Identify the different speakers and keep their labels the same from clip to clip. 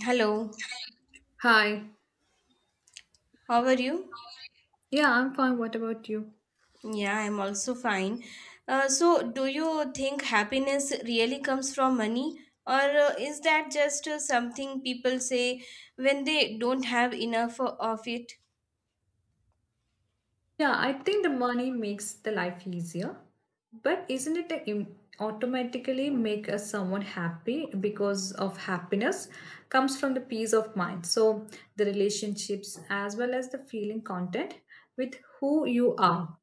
Speaker 1: Hello,
Speaker 2: Hi.
Speaker 1: how are you?
Speaker 2: Yeah, I'm fine. What about you?
Speaker 1: Yeah, I'm also fine. So, do you think happiness really comes from money, or is that just something people say when they don't have enough of it?
Speaker 2: Yeah, I think the money makes the life easier, but isn't it a automatically make us someone happy because of happiness comes from the peace of mind. So the relationships as well as the feeling content with who you are.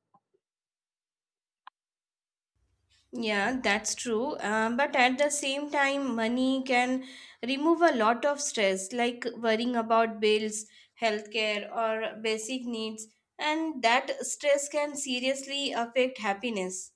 Speaker 1: Yeah, that's true. But at the same time, money can remove a lot of stress, like worrying about bills, healthcare, or basic needs, and that stress can seriously affect happiness.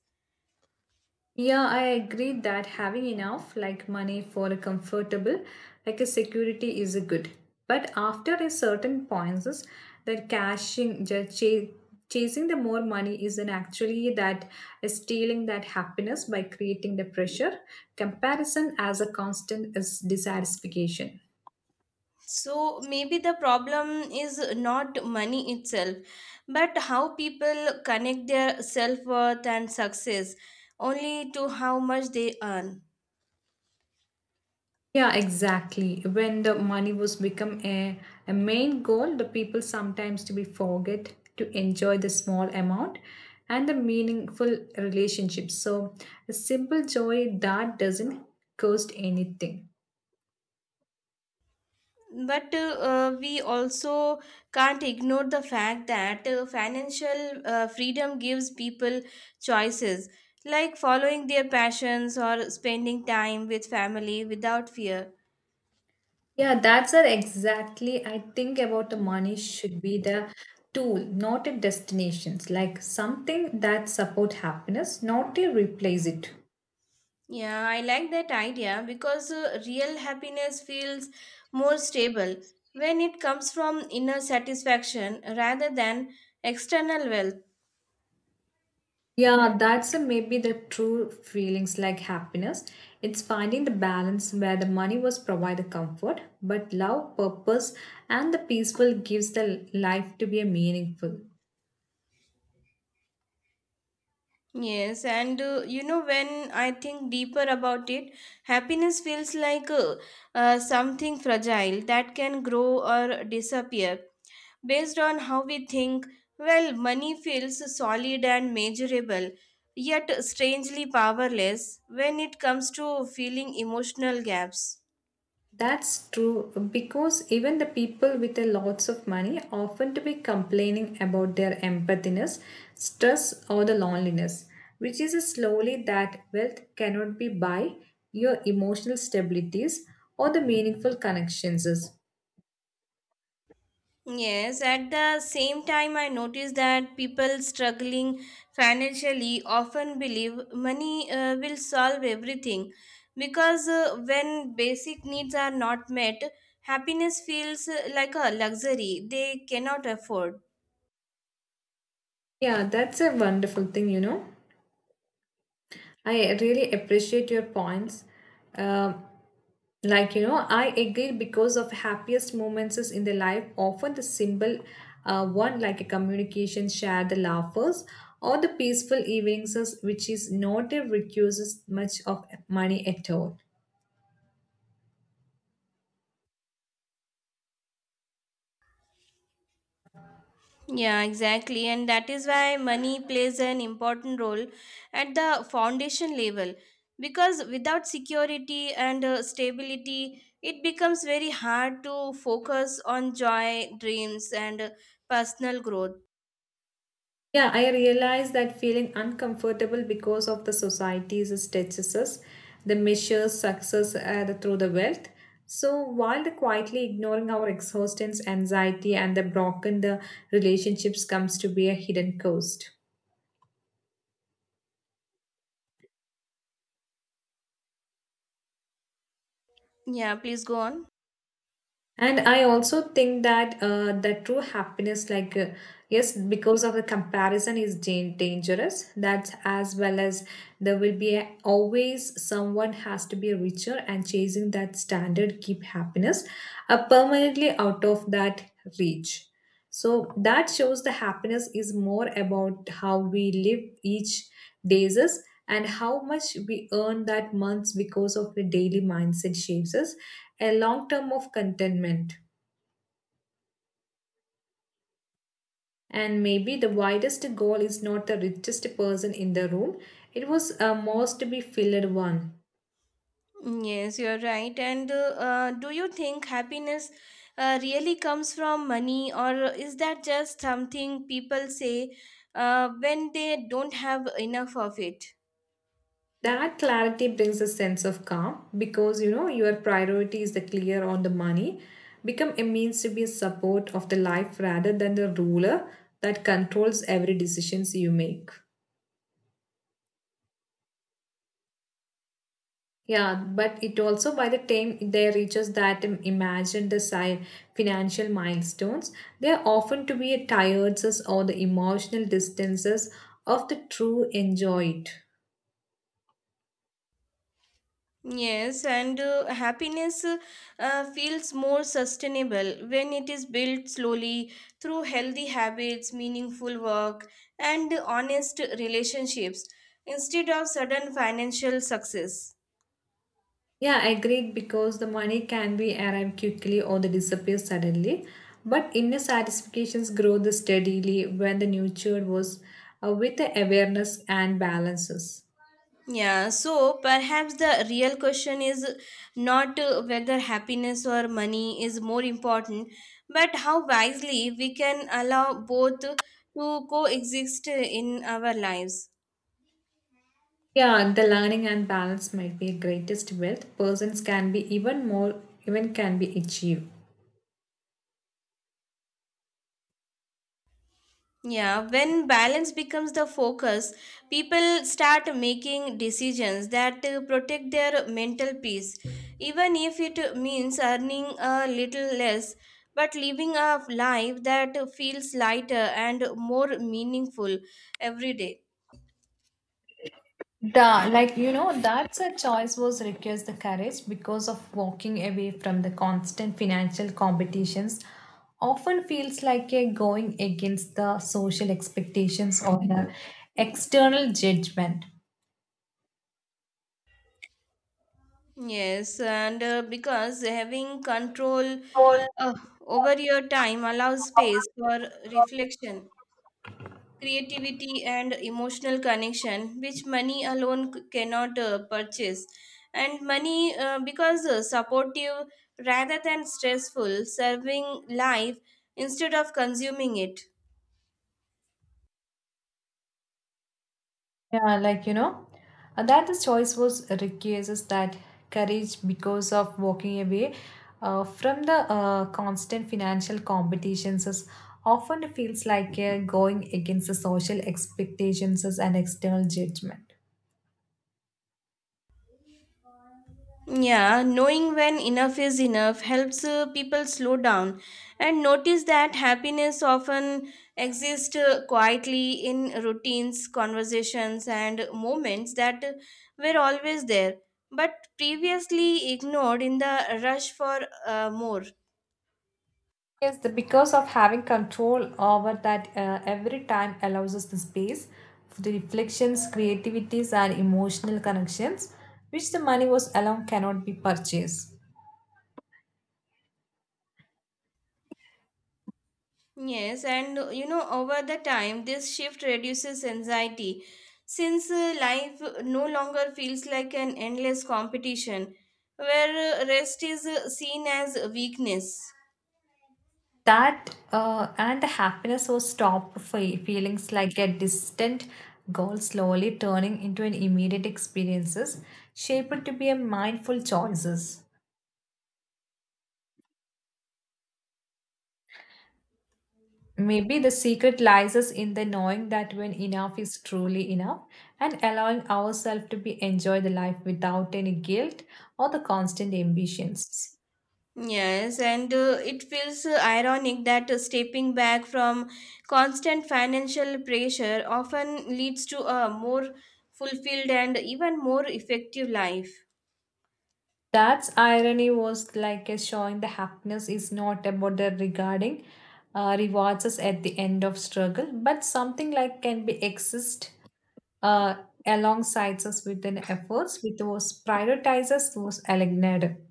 Speaker 2: Yeah, I agree that having enough, like money for a comfortable, like a security is a good. But after a certain points, is that cashing, chasing the more money is an actually that is stealing that happiness by creating the pressure. Comparison as a constant is dissatisfaction.
Speaker 1: So maybe the problem is not money itself, but how people connect their self worth and success only to how much they earn.
Speaker 2: Yeah, exactly. When the money was become a main goal, the people sometimes to be forget to enjoy the small amount and the meaningful relationship. So a simple joy that doesn't cost anything.
Speaker 1: But we also can't ignore the fact that financial freedom gives people choices like following their passions or spending time with family without fear.
Speaker 2: Yeah, that's it exactly. I think about the money should be the tool, not a destination, like something that support happiness, not to replace it.
Speaker 1: Yeah, I like that idea because real happiness feels more stable when it comes from inner satisfaction rather than external wealth.
Speaker 2: Yeah, that's a maybe the true feelings like happiness. It's finding the balance where the money was provide the comfort, but love, purpose, and the peaceful gives the life to be a meaningful.
Speaker 1: Yes, and when I think deeper about it, happiness feels like something fragile that can grow or disappear based on how we think. Well, money feels solid and measurable, yet strangely powerless when it comes to filling emotional gaps.
Speaker 2: That's true because even the people with a lots of money often to be complaining about their empathiness, stress, or the loneliness, which is slowly that wealth cannot be buy your emotional stabilities or the meaningful connections.
Speaker 1: Yes, at the same time, I notice that people struggling financially often believe money will solve everything, because when basic needs are not met, happiness feels like a luxury they cannot afford.
Speaker 2: Yeah, that's a wonderful thing, you know. I really appreciate your points. Um, like, you know, I agree because of happiest moments is in the life, often the symbol one like a communication share the laughers or the peaceful evenings which is not a requires much of money at all.
Speaker 1: Yeah, exactly. And that is why money plays an important role at the foundation level. Because without security and stability, it becomes very hard to focus on joy, dreams, and personal growth.
Speaker 2: Yeah, I realize that feeling uncomfortable because of the society's statistics, the measures success through the wealth. So while the quietly ignoring our exhaustions, anxiety, and the broken the relationships comes to be a hidden cost.
Speaker 1: Yeah, please go on.
Speaker 2: And I also think that the true happiness, like, yes, because of the comparison is dangerous. That's as well as there will be a, always someone has to be richer and chasing that standard keep happiness permanently out of that reach. So that shows the happiness is more about how we live each days us and how much we earn that months because of the daily mindset shapes us a long term of contentment. And maybe the widest goal is not the richest person in the room, it was a most to be filled one.
Speaker 1: Mm, yes, you're right. And Do you think happiness really comes from money, or is that just something people say when they don't have enough of it?
Speaker 2: That clarity brings a sense of calm because you know your priority is the clear on the money become a means to be a support of the life rather than the ruler that controls every decisions you make. Yeah, but it also by the time they reaches that imagined the financial milestones, they are often to be a tiredness or the emotional distances of the true enjoyed.
Speaker 1: Yes, and happiness feels more sustainable when it is built slowly through healthy habits, meaningful work, and honest relationships instead of sudden financial success.
Speaker 2: Yeah, I agreed because the money can be arrived quickly or they disappear suddenly. But inner satisfactions grow the steadily when the nurtured was with the awareness and balances.
Speaker 1: Yeah, so perhaps the real question is not whether happiness or money is more important, but how wisely we can allow both to coexist in our lives.
Speaker 2: Yeah, the learning and balance might be greatest wealth. Persons can be even more, even can be achieved.
Speaker 1: Yeah, when balance becomes the focus, people start making decisions that protect their mental peace, even if it means earning a little less, but living a life that feels lighter and more meaningful every day.
Speaker 2: Da, like you know, that's a choice was requires the courage because of walking away from the constant financial competitions often feels like a going against the social expectations or the external judgment.
Speaker 1: Yes, and because having control uh, over your time allows space for reflection, creativity, and emotional connection, which money alone cannot purchase, and money because supportive rather than stressful, serving life instead of consuming it.
Speaker 2: Yeah, like you know, that the choice was requires that courage because of walking away from the constant financial competitions is often feels like going against the social expectations and external judgment.
Speaker 1: Yeah, knowing when enough is enough helps people slow down and notice that happiness often exists quietly in routines, conversations, and moments that were always there but previously ignored in the rush for more.
Speaker 2: Yes, the, because of having control over that every time allows us the space for the reflections, creativities, and emotional connections, which the money was alone cannot be purchased.
Speaker 1: Yes, and over the time, this shift reduces anxiety, since life no longer feels like an endless competition where rest is seen as weakness.
Speaker 2: That and the happiness or stop feelings like a distant goal slowly turning into an immediate experiences shaped to be a mindful choices. Maybe the secret lies us in the knowing that when enough is truly enough and allowing ourselves to be enjoy the life without any guilt or the constant ambitions.
Speaker 1: Yes, and it feels ironic that stepping back from constant financial pressure often leads to a more fulfilled and even more effective life.
Speaker 2: That's irony was like a showing the happiness is not about the regarding rewards us at the end of struggle, but something like can be exist uh, alongside us within efforts with those prioritizers those aligned.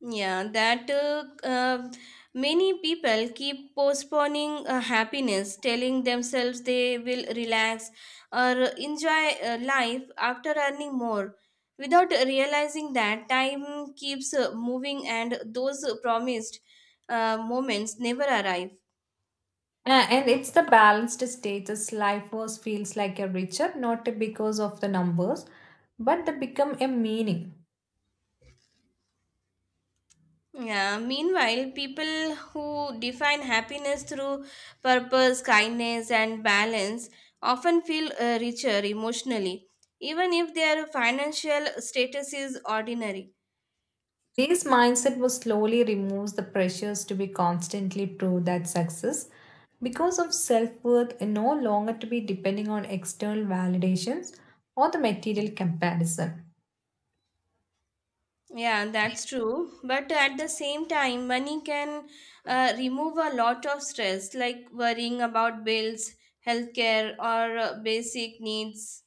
Speaker 1: Yeah, that many people keep postponing happiness, telling themselves they will relax or enjoy life after earning more, without realizing that time keeps moving and those promised moments never arrive.
Speaker 2: And it's the balanced status life was feels like a richer, not because of the numbers, but they become a meaning.
Speaker 1: Yeah, meanwhile, people who define happiness through purpose, kindness, and balance often feel richer emotionally, even if their financial status is ordinary.
Speaker 2: This mindset will slowly remove the pressures to be constantly prove that success because of self-worth and no longer to be depending on external validations or the material comparison.
Speaker 1: Yeah, that's true. But at the same time, money can remove a lot of stress, like worrying about bills, healthcare, or basic needs.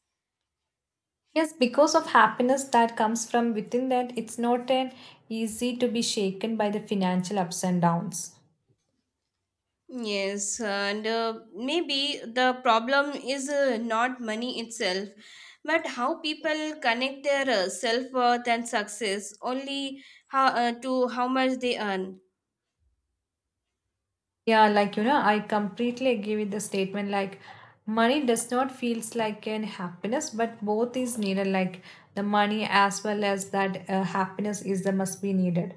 Speaker 2: Yes, because of happiness that comes from within that it's not an easy to be shaken by the financial ups and downs.
Speaker 1: Yes, and maybe the problem is not money itself, but how people connect their self-worth and success only how to how much they earn.
Speaker 2: Yeah, like you know, I completely agree with the statement like money does not feels like an happiness, but both is needed like the money as well as that happiness is the must be needed.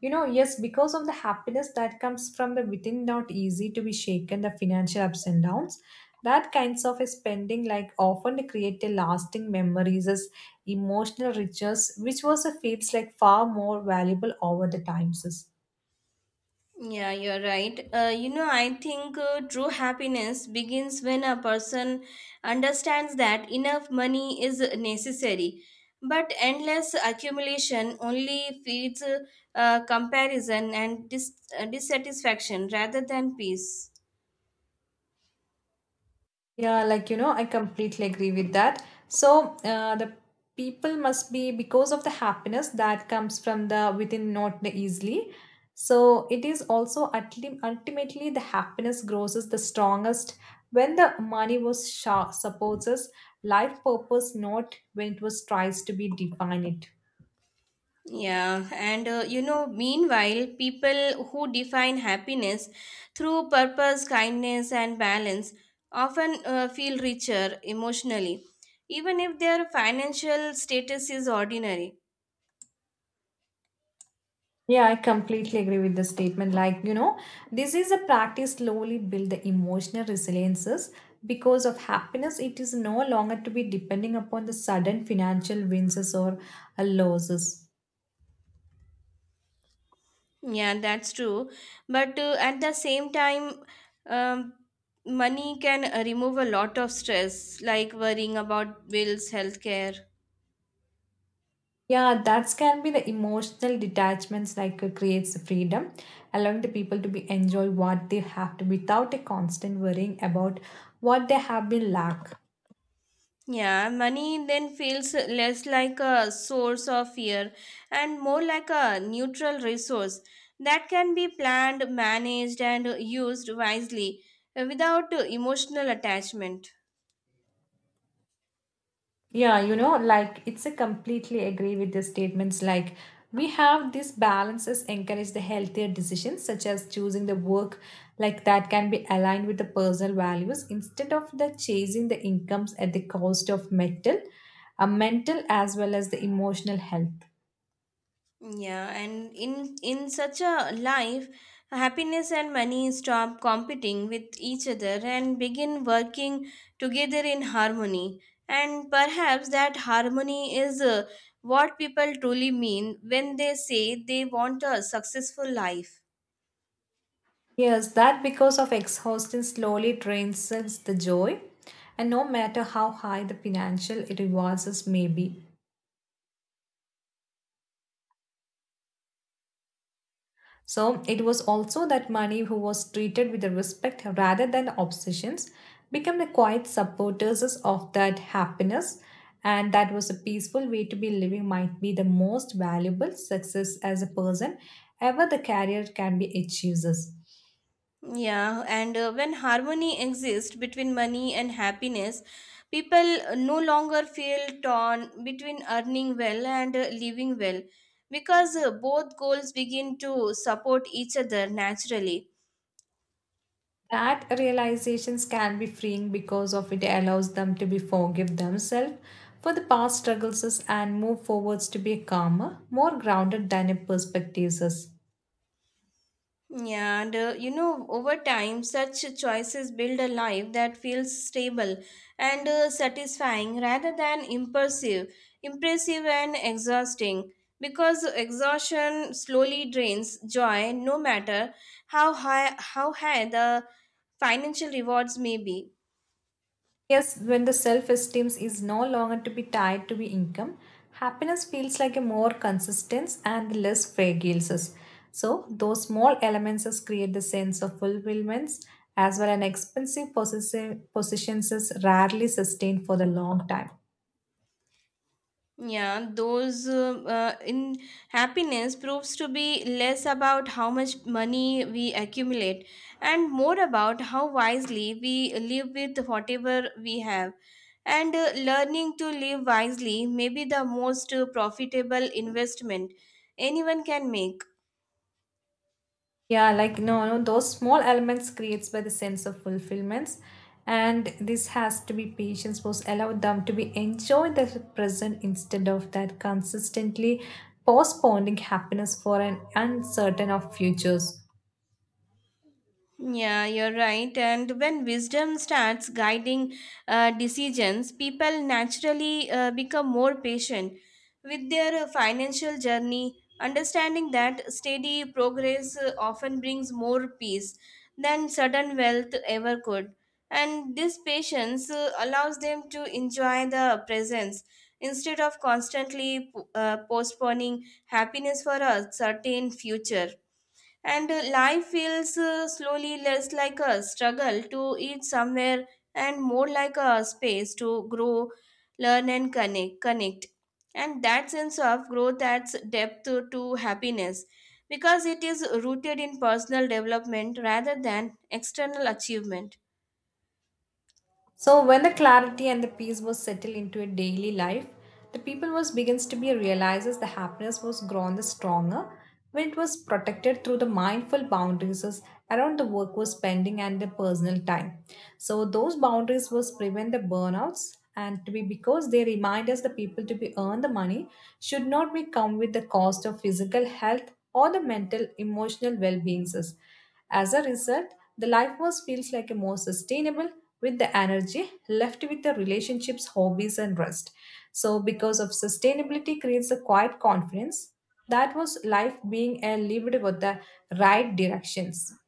Speaker 2: You know, yes, because of the happiness that comes from the within not easy to be shaken the financial ups and downs. That kinds of a spending like often create a lasting memories as emotional riches, which was a feels like far more valuable over the times.
Speaker 1: Yeah, you're right. I think true happiness begins when a person understands that enough money is necessary, but endless accumulation only feeds comparison and dissatisfaction rather than peace.
Speaker 2: Yeah, like you know, I completely agree with that. So the people must be because of the happiness that comes from the within, not the easily. So it is also ultimately the happiness grows is the strongest when the money was sha supports us life purpose, not when it was tries to be divine it.
Speaker 1: Yeah, and meanwhile, people who define happiness through purpose, kindness, and balance often feel richer emotionally, even if their financial status is ordinary.
Speaker 2: Yeah, I completely agree with the statement. Like, you know, this is a practice slowly build the emotional resiliences because of happiness. It is no longer to be depending upon the sudden financial wins or losses.
Speaker 1: Yeah, that's true. But at the same time, um, money can remove a lot of stress, like worrying about bills, healthcare.
Speaker 2: Yeah, that can be the emotional detachments like creates freedom, allowing the people to be enjoy what they have to without a constant worrying about what they have been lack.
Speaker 1: Yeah, money then feels less like a source of fear and more like a neutral resource that can be planned, managed, and used wisely without emotional attachment.
Speaker 2: Yeah, you know, like it's a completely agree with the statements like we have these balances encourage the healthier decisions such as choosing the work like that can be aligned with the personal values instead of the chasing the incomes at the cost of mental, a mental as well as the emotional health.
Speaker 1: Yeah, and in such a life, happiness and money stop competing with each other and begin working together in harmony. And perhaps that harmony is what people truly mean when they say they want a successful life.
Speaker 2: Yes, that because of exhaustion slowly drains us the joy, and no matter how high the financial rewards may be, so it was also that Mani, who was treated with respect rather than obsessions, became the quiet supporters of that happiness, and that was a peaceful way to be living might be the most valuable success as a person ever the career can be achieved.
Speaker 1: Yeah, and when harmony exists between money and happiness, people no longer feel torn between earning well and living well, because both goals begin to support each other naturally.
Speaker 2: That realizations can be freeing because of it allows them to be forgive themselves for the past struggles and move forwards to be calmer, more grounded than a perspectives.
Speaker 1: Yeah, and over time, such choices build a life that feels stable and satisfying rather than impulsive, impressive, and exhausting. Because exhaustion slowly drains joy, no matter how high the financial rewards may be.
Speaker 2: Yes, when the self esteem is no longer to be tied to the income, happiness feels like a more consistent and less fragile. So those small elements is create the sense of fulfillment as well an expensive possessions is rarely sustained for the long time.
Speaker 1: Yeah, those in happiness proves to be less about how much money we accumulate and more about how wisely we live with whatever we have. And learning to live wisely may be the most profitable investment anyone can make.
Speaker 2: Yeah, like no, no, those small elements creates by the sense of fulfillments, and this has to be patience was allow them to be enjoy the present instead of that consistently postponing happiness for an uncertain of futures.
Speaker 1: Yeah, you're right. And when wisdom starts guiding decisions, people naturally become more patient with their financial journey, understanding that steady progress often brings more peace than sudden wealth ever could. And this patience allows them to enjoy the presence instead of constantly postponing happiness for a certain future, and life feels slowly less like a struggle to eat somewhere and more like a space to grow, learn, and connect, and that sense of growth adds depth to happiness, because it is rooted in personal development rather than external achievement.
Speaker 2: So when the clarity and the peace was settled into a daily life, the people was begins to be realizes the happiness was grown the stronger when it was protected through the mindful boundaries as around the work was spending and the personal time. So those boundaries was prevent the burnouts and to be because they remind us the people to be earn the money should not be come with the cost of physical health or the mental emotional well-being. As a result, the life was feels like a more sustainable with the energy left with the relationships, hobbies, and rest. So, because of sustainability creates a quiet confidence that was life being a lived with the right directions.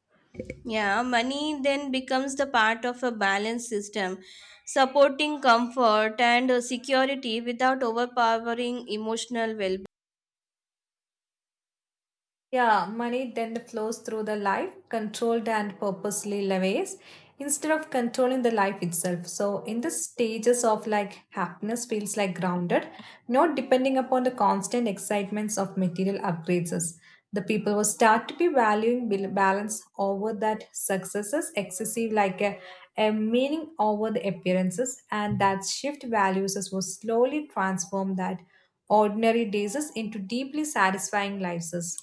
Speaker 1: Yeah, money then becomes the part of a balanced system, supporting comfort and security without overpowering emotional well.
Speaker 2: Yeah, money then flows through the life, controlled and purposely ways, instead of controlling the life itself. So, in the stages of like happiness, feels like grounded, not depending upon the constant excitements of material upgrades. Us. The people will start to be valuing balance over that successes, excessive like a meaning over the appearances, and that shift values us will slowly transform that ordinary days us into deeply satisfying lives. Us.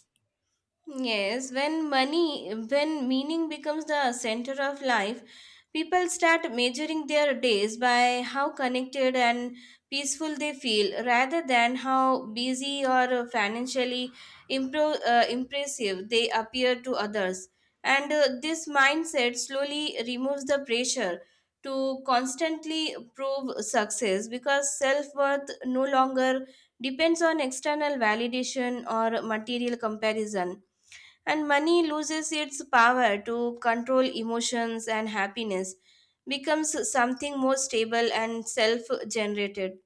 Speaker 1: Yes, when meaning becomes the center of life, people start measuring their days by how connected and peaceful they feel rather than how busy or financially impressive they appear to others. And this mindset slowly removes the pressure to constantly prove success, because self worth no longer depends on external validation or material comparison, and money loses its power to control emotions, and happiness becomes something more stable and self generated.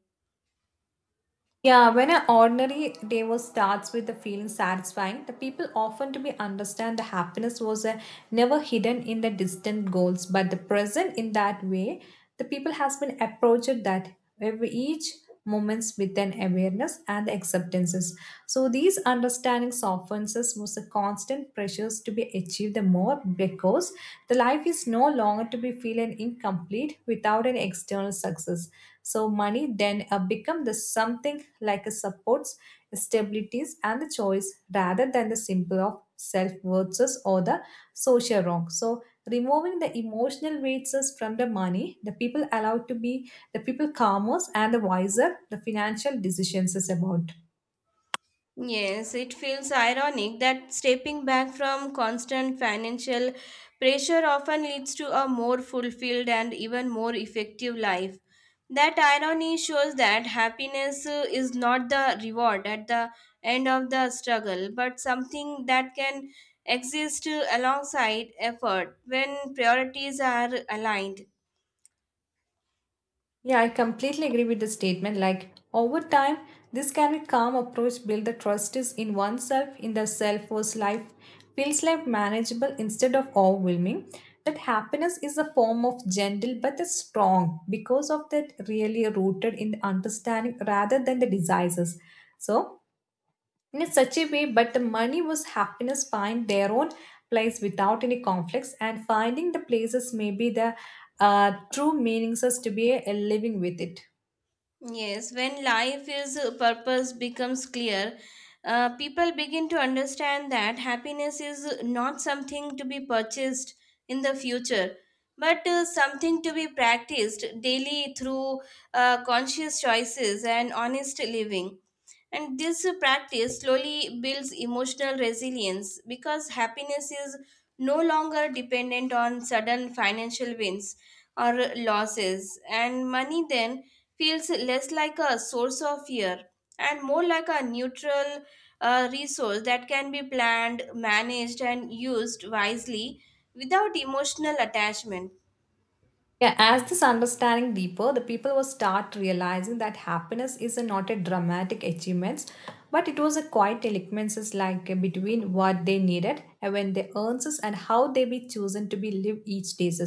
Speaker 2: Yeah, when an ordinary day was starts with the feeling satisfying, the people often to be understand the happiness was never hidden in the distant goals, but the present in that way, the people has been approached that every each moments with an awareness and the acceptances. So these understanding softens us was a constant pressures to be achieved the more because the life is no longer to be feeling incomplete without an external success, so money then become the something like a supports, stabilities and the choice rather than the symbol of self worths or the social wrong. So removing the emotional weights from the money, the people allowed to be the people calmer and the wiser the financial decisions is about.
Speaker 1: Yes, it feels ironic that stepping back from constant financial pressure often leads to a more fulfilled and even more effective life. That irony shows that happiness is not the reward at the end of the struggle, but something that can exist alongside effort when priorities are aligned.
Speaker 2: Yeah, I completely agree with the statement. Like over time, this can be calm approach build the trust is in oneself in the self was life feels like manageable instead of overwhelming. That happiness is a form of gentle but a strong because of that really rooted in the understanding rather than the desires. So in such a way but the money was happiness find their own place without any conflicts and finding the places may be the true meanings us to be a living with it.
Speaker 1: Yes, when life is purpose becomes clear, people begin to understand that happiness is not something to be purchased in the future, but something to be practiced daily through conscious choices and honest living. And this practice slowly builds emotional resilience, because happiness is no longer dependent on sudden financial wins or losses, and money then feels less like a source of fear and more like a neutral resource that can be planned, managed, and used wisely without emotional attachment.
Speaker 2: Yeah, as this understanding deeper, the people will start realizing that happiness is not a dramatic achievements, but it was a quiet eloquences like between what they needed and when they earns is and how they be chosen to be live each days.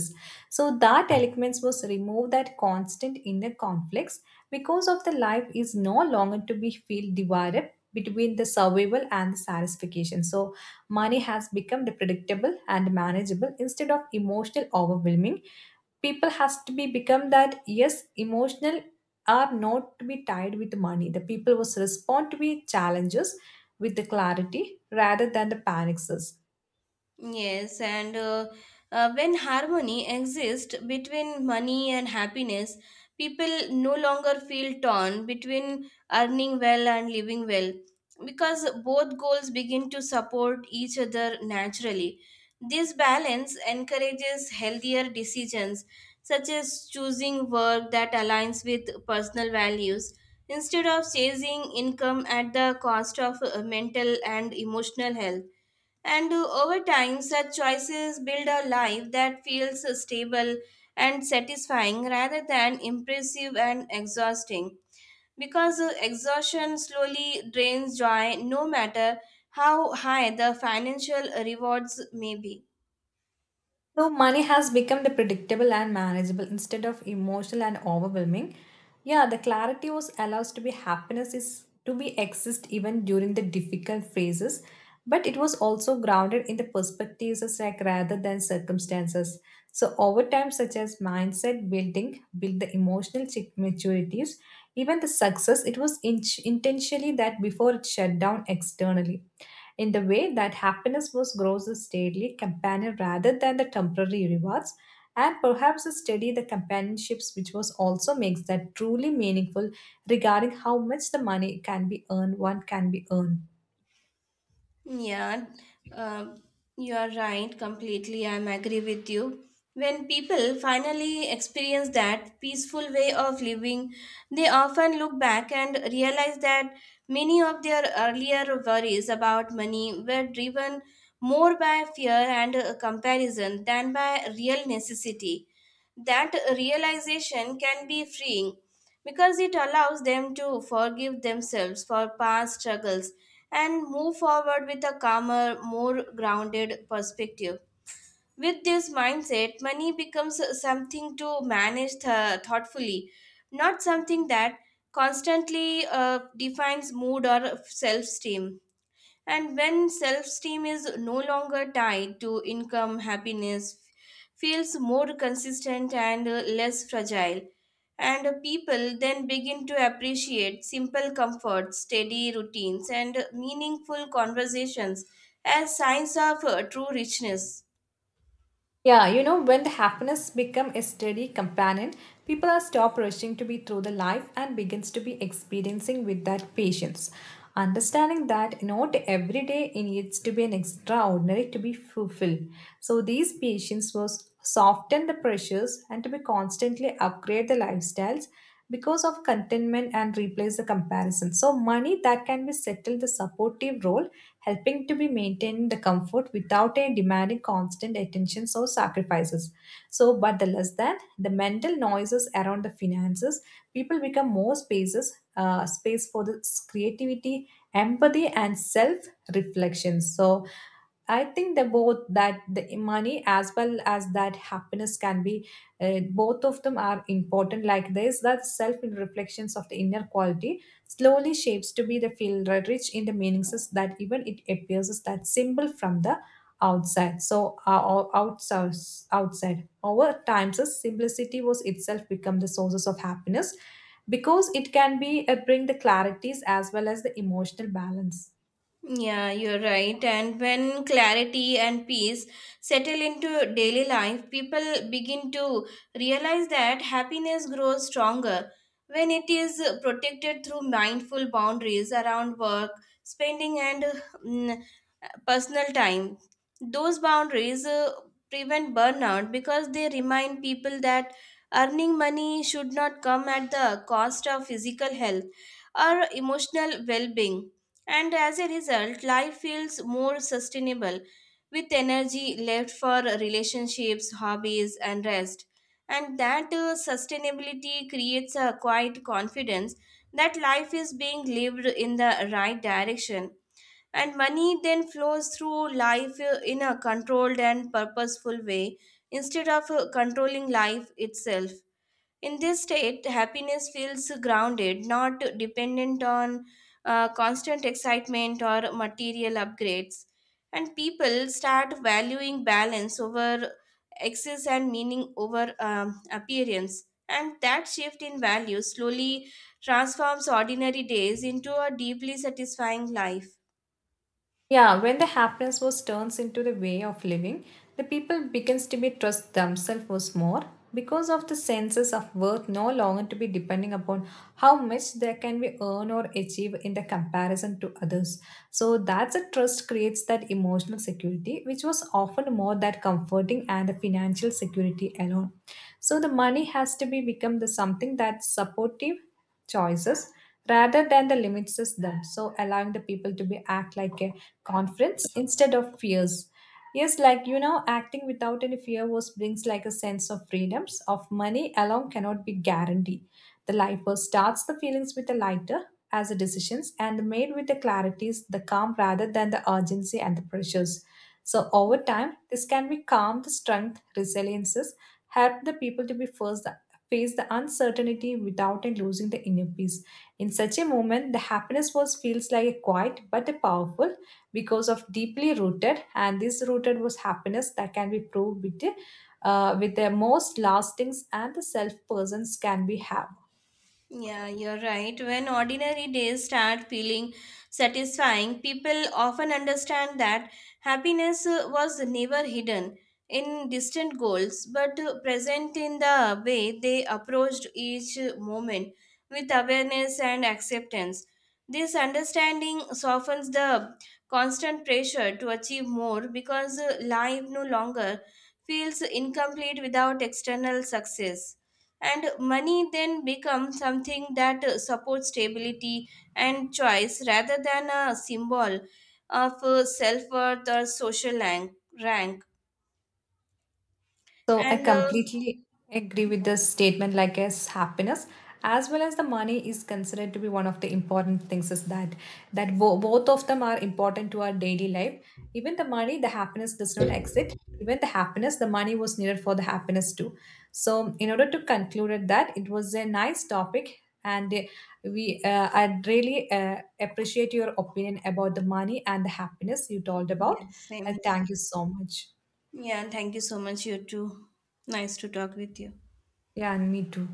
Speaker 2: So that eloquence was remove that constant inner conflicts because of the life is no longer to be feel divided between the survival and the satisfaction. So money has become the predictable and manageable instead of emotional overwhelming, people has to be become that yes emotional are not to be tied with money, the people was respond to be challenges with the clarity rather than the panics.
Speaker 1: Yes, and when harmony exists between money and happiness, people no longer feel torn between earning well and living well, because both goals begin to support each other naturally. This balance encourages healthier decisions, such as choosing work that aligns with personal values instead of chasing income at the cost of mental and emotional health. And over time, such choices build a life that feels stable and satisfying rather than impressive and exhausting. Because exhaustion slowly drains joy, no matter how high the financial rewards may be.
Speaker 2: So money has become the predictable and manageable instead of emotional and overwhelming. Yeah, the clarity was allows to be happiness is to be exist even during the difficult phases, but it was also grounded in the perspectives as like rather than circumstances. So over time, such as mindset building, build the emotional maturities, even the success. It was intentionally that before it shut down externally in the way that happiness was grows a steady companion rather than the temporary rewards and perhaps a study the companionships which was also makes that truly meaningful regarding how much the money can be earned, one can be earned.
Speaker 1: Yeah, um, you are right completely. I'm agree with you. When people finally experience that peaceful way of living, they often look back and realize that many of their earlier worries about money were driven more by fear and comparison than by real necessity. That realization can be freeing, because it allows them to forgive themselves for past struggles and move forward with a calmer, more grounded perspective. With this mindset, money becomes something to manage thoughtfully, not something that constantly defines mood or self esteem. And when self esteem is no longer tied to income, happiness feels more consistent and less fragile. And people then begin to appreciate simple comforts, steady routines, and meaningful conversations as signs of true richness.
Speaker 2: Yeah, you know, when the happiness become a steady companion, people are stop rushing to be through the life and begins to be experiencing with that patience. Understanding that not every day it needs to be an extraordinary to be fulfilled. So these patience was soften the pressures and to be constantly upgrade the lifestyles because of contentment and replace the comparison. So money that can be settled the supportive role, helping to be maintain the comfort without a demanding constant attention or sacrifices. So, but the less than the mental noises around the finances, people become more spaces, space for the creativity, empathy, and self reflection. So, I think that both that the money as well as that happiness can be, both of them are important like this, that self reflections of the inner quality slowly shapes to be the field rich in the meanings that even it appears that simple from the outside. So outside, outside. Over time, the simplicity was itself become the sources of happiness because it can be, bring the clarities as well as the emotional balance.
Speaker 1: Yeah, you're right. And when clarity and peace settle into daily life, people begin to realize that happiness grows stronger when it is protected through mindful boundaries around work, spending, and mm, personal time. Those boundaries prevent burnout, because they remind people that earning money should not come at the cost of physical health or emotional well being, and as a result life feels more sustainable, with energy left for relationships, hobbies, and rest, and that sustainability creates a quiet confidence that life is being lived in the right direction, and money then flows through life in a controlled and purposeful way instead of controlling life itself. In this state, happiness feels grounded, not dependent on constant excitement or material upgrades. And people start valuing balance over excess and meaning over appearance. And that shift in value slowly transforms ordinary days into a deeply satisfying life.
Speaker 2: Yeah, when the happiness was turns into the way of living, the people begins to be trust themselves was more because of the senses of worth no longer to be depending upon how much they can be earn or achieve in the comparison to others. So that's a trust creates that emotional security, which was often more that comforting and the financial security alone. So the money has to be become the something that supportive choices rather than the limits is them. So allowing the people to be act like a conference instead of fears. Yes, like you know, acting without any fear was brings like a sense of freedoms of money alone cannot be guaranteed. The lifer starts the feelings with a lighter as a decisions and made with the clarities, the calm rather than the urgency and the pressures. So over time, this can be calm the strength, resiliences, help the people to be first face the uncertainty without and losing the inner peace. In such a moment, the happiness was feels like a quiet but a powerful because of deeply rooted, and this rooted was happiness that can be proved with the most lastings and the self persons can be have.
Speaker 1: Yeah, you're right. When ordinary days start feeling satisfying, people often understand that happiness was never hidden in distant goals, but present in the way they approached each moment with awareness and acceptance. This understanding softens the constant pressure to achieve more, because life no longer feels incomplete without external success, and money then becomes something that supports stability and choice rather than a symbol of self-worth or social rank.
Speaker 2: So I
Speaker 1: and uh,
Speaker 2: completely agree with the statement, like as happiness as well as the money is considered to be one of the important things, is that that both of them are important to our daily life. Even the money the happiness does not exist, even the happiness the money was needed for the happiness too. So in order to conclude it, that it was a nice topic, and we I really appreciate your opinion about the money and the happiness you told about.
Speaker 1: yes same
Speaker 2: I
Speaker 1: here.
Speaker 2: thank you so much.
Speaker 1: Yeah, thank you so much. You too. Nice to talk with you.
Speaker 2: Yeah, and me too.